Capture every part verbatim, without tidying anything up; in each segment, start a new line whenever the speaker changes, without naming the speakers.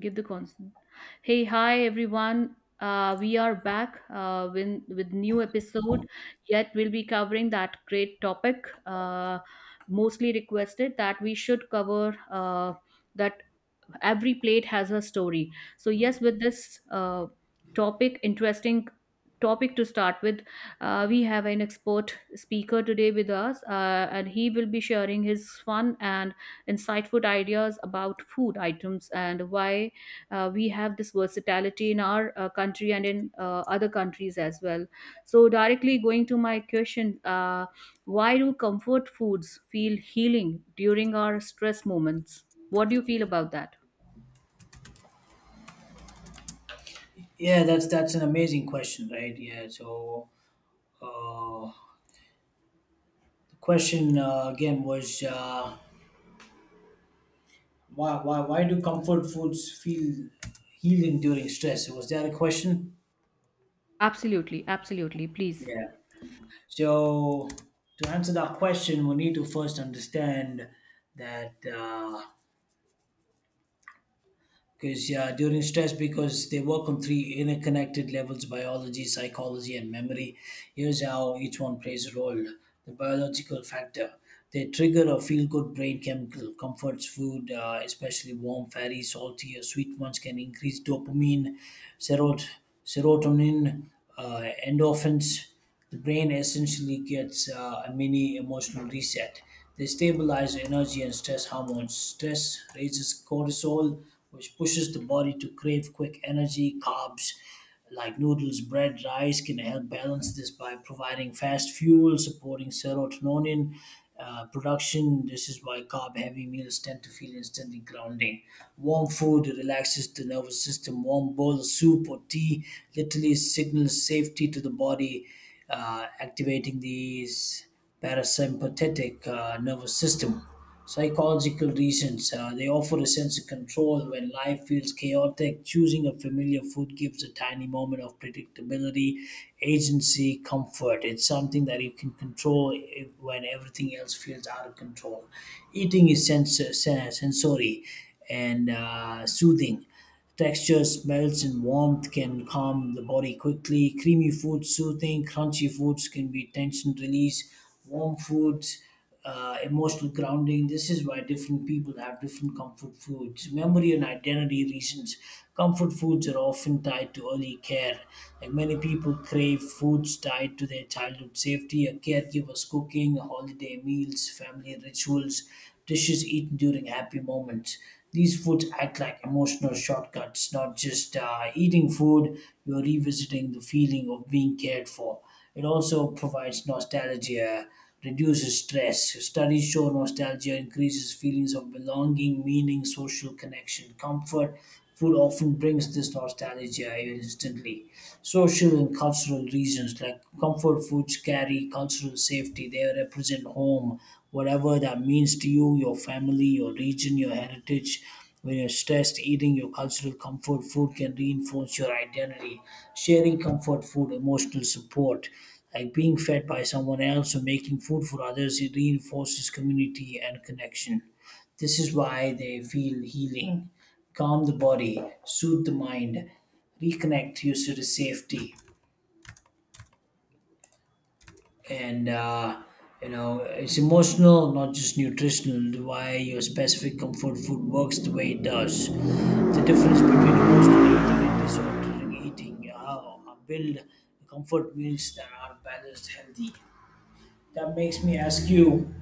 Give the constant. Hey, hi everyone. Uh, we are back uh, with, with new episode. Yet we'll be covering that great topic, uh, mostly requested that we should cover uh, that every plate has a story. So yes, with this uh, topic, interesting topic to start with, uh, we have an expert speaker today with us, uh, and he will be sharing his fun and insightful ideas about food items and why uh, we have this versatility in our uh, country and in uh, other countries as well. So directly going to my question, uh, why do comfort foods feel healing during our stress moments? What do you feel about that?
Yeah, that's that's an amazing question, right? Yeah, so uh, the question uh, again was uh, why why why do comfort foods feel healing during stress? Was that a question?
Absolutely, absolutely. Please.
Yeah. So to answer that question, we need to first understand that. Uh, because yeah, during stress, because they work on three interconnected levels: biology, psychology, and memory. Here's how each one plays a role. The biological factor: they trigger a feel good brain chemical. Comforts food, uh, especially warm, fatty, salty, or sweet ones, can increase dopamine, serot- serotonin, uh, endorphins. The brain essentially gets uh, a mini emotional reset. They stabilize energy and stress hormones. Stress raises cortisol, which pushes the body to crave quick energy. Carbs like noodles, bread, rice can help balance this by providing fast fuel, supporting serotonin uh, production. This is why carb heavy meals tend to feel instantly grounding. Warm food relaxes the nervous system. Warm bowl of soup or tea literally signals safety to the body, uh, activating the s- parasympathetic uh, nervous system. Psychological reasons: uh, they offer a sense of control when life feels chaotic. Choosing a familiar food gives a tiny moment of predictability, agency, comfort. It's something that you can control if, when everything else feels out of control. Eating is sens- sen- sensory and uh, soothing. Texture, smells, and warmth can calm the body quickly. Creamy foods soothing, crunchy foods can be tension release, warm foods uh, emotional grounding. This is why different people have different comfort foods. Memory and identity reasons. Comfort foods are often tied to early care. Like, many people crave foods tied to their childhood safety, a caregiver's cooking, holiday meals, family rituals, dishes eaten during happy moments. These foods act like emotional shortcuts. Not just uh, eating food, you're revisiting the feeling of being cared for. It also provides nostalgia, reduces stress. Studies show nostalgia increases feelings of belonging, meaning, social connection, comfort. Food often brings this nostalgia instantly. Social and cultural reasons, like comfort foods, carry cultural safety. They represent home, whatever that means to you, your family, your region, your heritage. When you're stressed, eating your cultural comfort food can reinforce your identity. Sharing comfort food, emotional support, like being fed by someone else or making food for others, it reinforces community and connection. This is why they feel healing, calm the body, soothe the mind, reconnect you to the safety. And, uh, you know, it's emotional, not just nutritional, why your specific comfort food works the way it does. The difference between emotional eating and disorderly eating. How uh, build comfort meals that are balanced, healthy. That makes me ask you,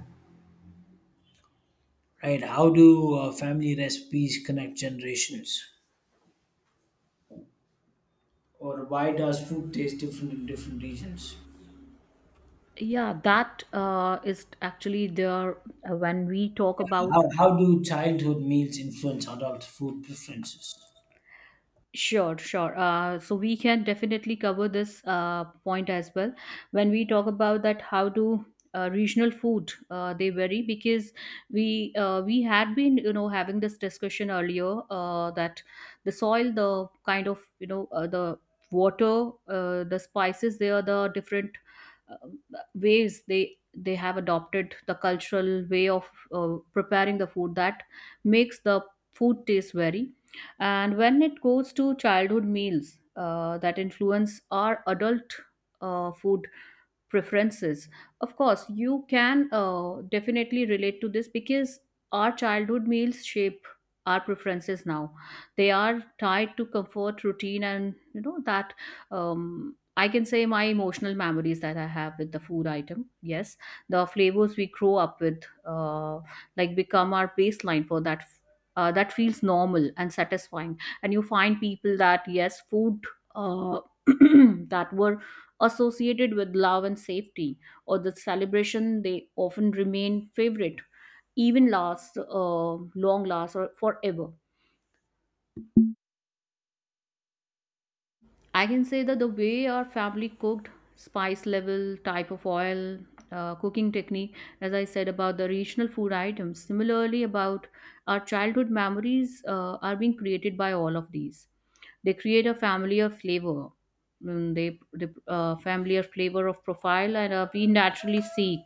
right, how do uh, family recipes connect generations? Or why does food taste different in different regions?
Yeah, that uh, is actually there uh, when we talk
Yeah,
about.
How, how do childhood meals influence adult food preferences?
Sure, sure. Uh, so we can definitely cover this uh, point as well. When we talk about that, how do uh, regional food uh, they vary? Because we uh, we had been, you know, having this discussion earlier, uh, that the soil, the kind of, you know, uh, the water, uh, the spices, they are the different uh, ways, they they have adopted the cultural way of uh, preparing the food that makes the food taste vary. And when it goes to childhood meals, uh, that influence our adult uh, food preferences, of course you can uh, definitely relate to this, because our childhood meals shape our preferences now. They are tied to comfort, routine, and you know that, um, I can say, my emotional memories that I have with the food item. Yes, the flavors we grow up with, uh, like become our baseline for that, uh, that feels normal and satisfying. And you find people that, yes, food uh, that were associated with love and safety, or the celebration, they often remain favorite, even last, uh, long last, or forever. I can say that the way our family cooked, spice level, type of oil, uh, cooking technique, as I said about the regional food items, similarly about our childhood memories, uh, are being created by all of these. They create a familiar flavor. Mm, they the uh, familiar flavor of profile, and uh, we naturally seek.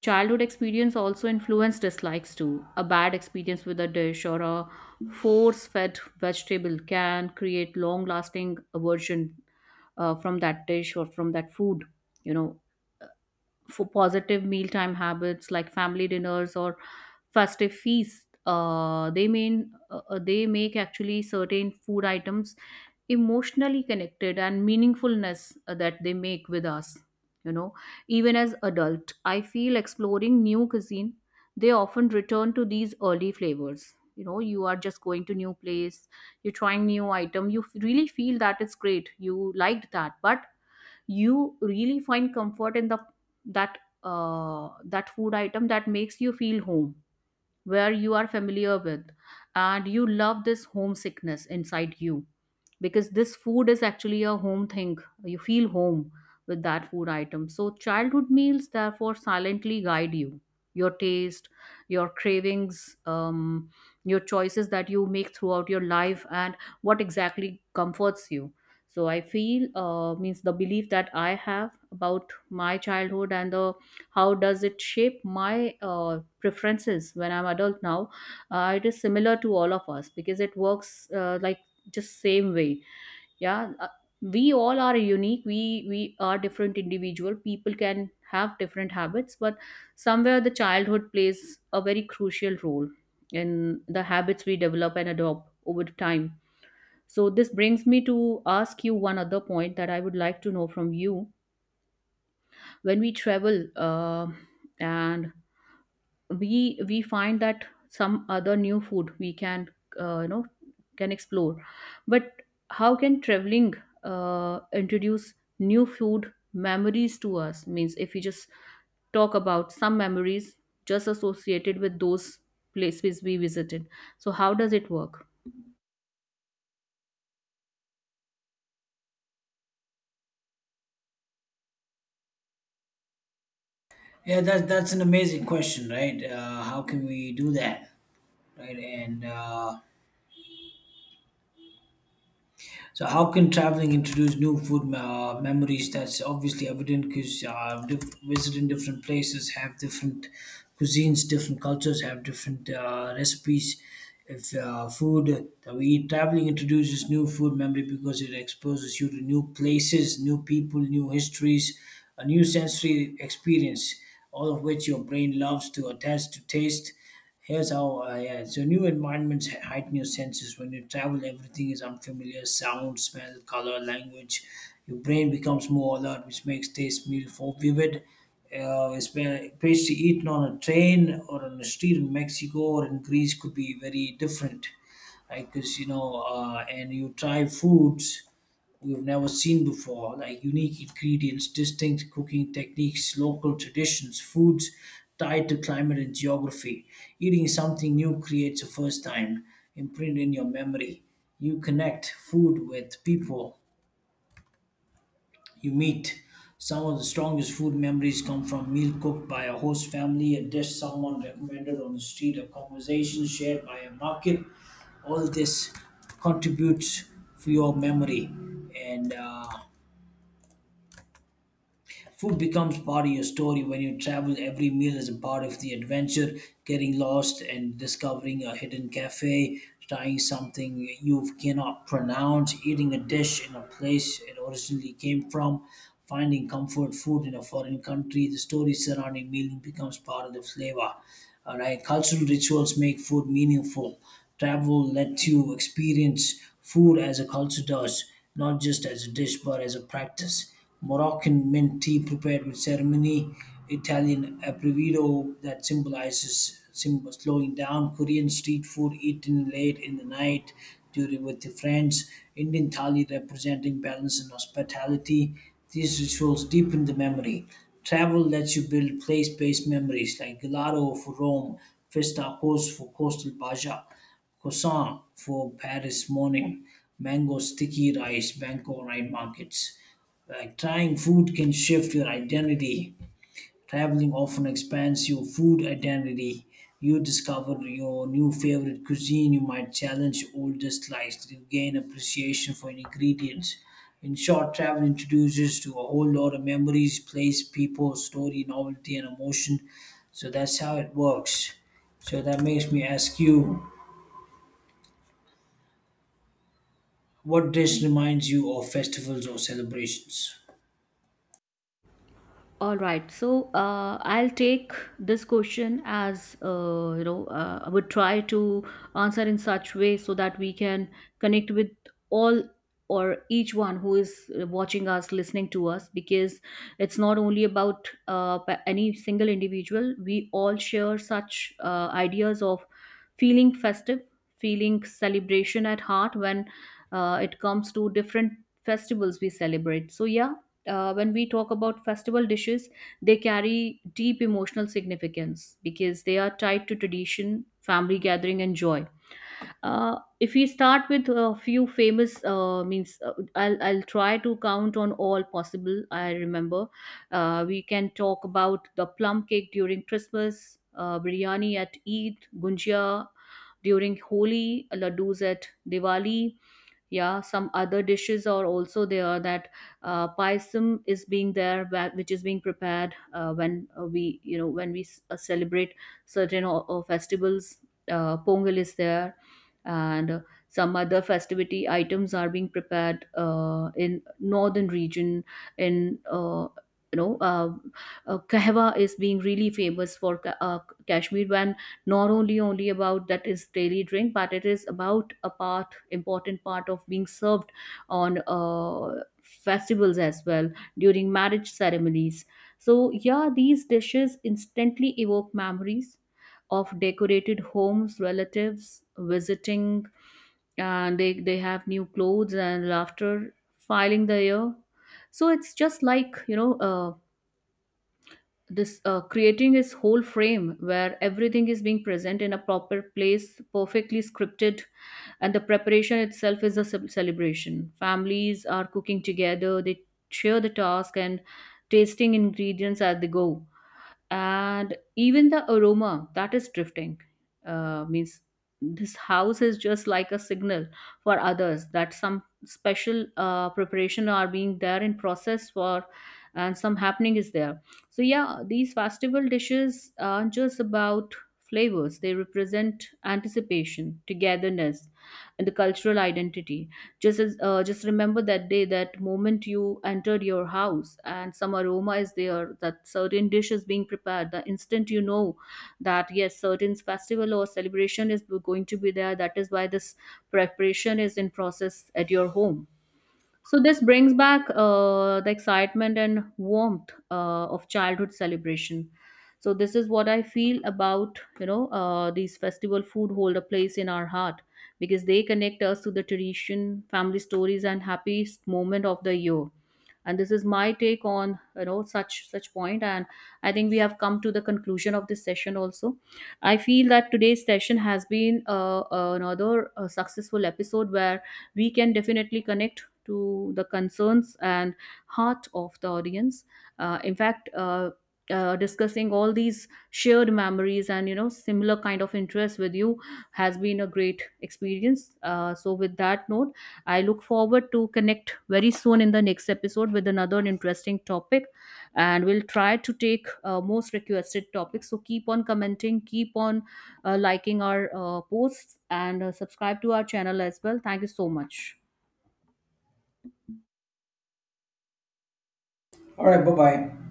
Childhood experience also influence dislikes too. A bad experience with a dish or a force fed vegetable can create long lasting aversion uh, from that dish or from that food. You know, for positive mealtime habits like family dinners or festive feasts, uh, they mean uh, uh, they make actually certain food items emotionally connected and meaningfulness uh, that they make with us, you know. Even as adult, I feel exploring new cuisine, they often return to these early flavors. You know, you are just going to new place, you're trying new item, you f- really feel that it's great, you liked that, but you really find comfort in the that, uh, that food item that makes you feel home, where you are familiar with, and you love this homesickness inside you, because this food is actually a home thing, you feel home with that food item. So childhood meals therefore silently guide you, your taste, your cravings, um, your choices that you make throughout your life and what exactly comforts you. So I feel, uh, means, the belief that I have about my childhood and the how does it shape my uh, preferences when I'm adult now, uh, it is similar to all of us because it works uh, like just same way. Yeah, uh, we all are unique, we we are different individual, people can have different habits, but somewhere the childhood plays a very crucial role in the habits we develop and adopt over time. So this brings me to ask you one other point that I would like to know from you. When we travel, uh, and we we find that some other new food we can, uh, you know, can explore, but how can traveling uh, introduce new food memories to us? Means if we just talk about some memories just associated with those places we visited, so how does it work?
Yeah, that, that's an amazing question, right? Uh, how can we do that, right? And uh, so, how can traveling introduce new food uh, memories? That's obviously evident because uh, diff- visiting different places have different cuisines, different cultures have different uh, recipes. If uh, food that we eat, traveling introduces new food memory because it exposes you to new places, new people, new histories, a new sensory experience, all of which your brain loves to attach to taste. Here's how. Uh, yeah. So new environments he- heighten your senses. When you travel, everything is unfamiliar: sound, smell, color, language. Your brain becomes more alert, which makes taste, meal for vivid. Uh, espe- pastry eaten on a train or on a street in Mexico or in Greece could be very different, right? Because you know, uh, and you try foods we've never seen before, like unique ingredients, distinct cooking techniques, local traditions, foods tied to climate and geography. Eating something new creates a first time imprint in your memory. You connect food with people you meet. Some of the strongest food memories come from meal cooked by a host family, a dish someone recommended on the street, a conversation shared by a market. All this contributes for your memory. And uh, food becomes part of your story when you travel. Every meal is a part of the adventure. Getting lost and discovering a hidden cafe, trying something you cannot pronounce, eating a dish in a place it originally came from, finding comfort food in a foreign country. The story surrounding meal becomes part of the flavor. All right, cultural rituals make food meaningful. Travel lets you experience food as a culture does, not just as a dish, but as a practice. Moroccan mint tea prepared with ceremony, Italian aperitivo that symbolizes sim- slowing down, Korean street food eaten late in the night during with the friends, Indian thali representing balance and hospitality. These rituals deepen the memory. Travel lets you build place-based memories like gelato for Rome, festa coast for coastal Baja, croissant for Paris morning, mango sticky rice, Bangkok night markets. Like, trying food can shift your identity. Traveling often expands your food identity. You discover your new favorite cuisine. You might challenge old dislikes. You gain appreciation for ingredients. In short, travel introduces to a whole lot of memories, place, people, story, novelty, and emotion. So that's how it works. So that makes me ask you, what dish reminds you of festivals or celebrations?
All right, so uh, I'll take this question as, uh, you know, uh, I would try to answer in such way so that we can connect with all or each one who is uh, watching us, listening to us, because it's not only about uh, pa- any single individual. We all share such uh, ideas of feeling festive, feeling celebration at heart when uh, it comes to different festivals we celebrate. So yeah, uh, when we talk about festival dishes, they carry deep emotional significance because they are tied to tradition, family gathering, and joy. Uh, if we start with a few famous, uh, means uh, I'll, I'll try to count on all possible. I remember uh, we can talk about the plum cake during Christmas, uh, biryani at Eid, gunjia during Holi, laddus at Diwali, yeah, some other dishes are also there, that uh, paisam is being there, wha- which is being prepared uh, when, uh, we, you know, when we s- uh, celebrate certain o- o- festivals, uh, pongal is there, and uh, some other festivity items are being prepared uh, in northern region, in, uh, you know, uh, uh, kahwa is being really famous for Ka- uh, kashmir, when not only only about that is daily drink, but it is about a part, important part of being served on uh, festivals as well, during marriage ceremonies. So yeah, these dishes instantly evoke memories of decorated homes, relatives visiting, and they, they have new clothes and laughter filing the air. So it's just like, you know, uh, this uh, creating his whole frame where everything is being present in a proper place, perfectly scripted, and the preparation itself is a ce- celebration, families are cooking together, they share the task and tasting ingredients as they go, and even the aroma that is drifting, uh, means this house is just like a signal for others that some special uh, preparation are being there in process for, and some happening is there. So yeah, these festival dishes aren't just about flavors, they represent anticipation, togetherness, and the cultural identity. Just as, uh, just remember that day, that moment you entered your house and some aroma is there, that certain dish is being prepared, the instant you know that yes, certain festival or celebration is going to be there, that is why this preparation is in process at your home. So this brings back uh, the excitement and warmth uh, of childhood celebration. So this is what I feel about, you know, uh, these festival food hold a place in our heart because they connect us to the tradition, family stories, and happiest moment of the year. And this is my take on, you know, such such point, point. And I think we have come to the conclusion of this session also. I feel that today's session has been uh, another uh, successful episode where we can definitely connect to the concerns and heart of the audience. Uh, in fact, uh, uh, discussing all these shared memories and, you know, similar kind of interest with you has been a great experience. Uh, so with that note, I look forward to connect very soon in the next episode with another interesting topic, and we'll try to take uh, most requested topics. So keep on commenting, keep on uh, liking our uh, posts, and uh, subscribe to our channel as well. Thank you so much.
All right, bye bye.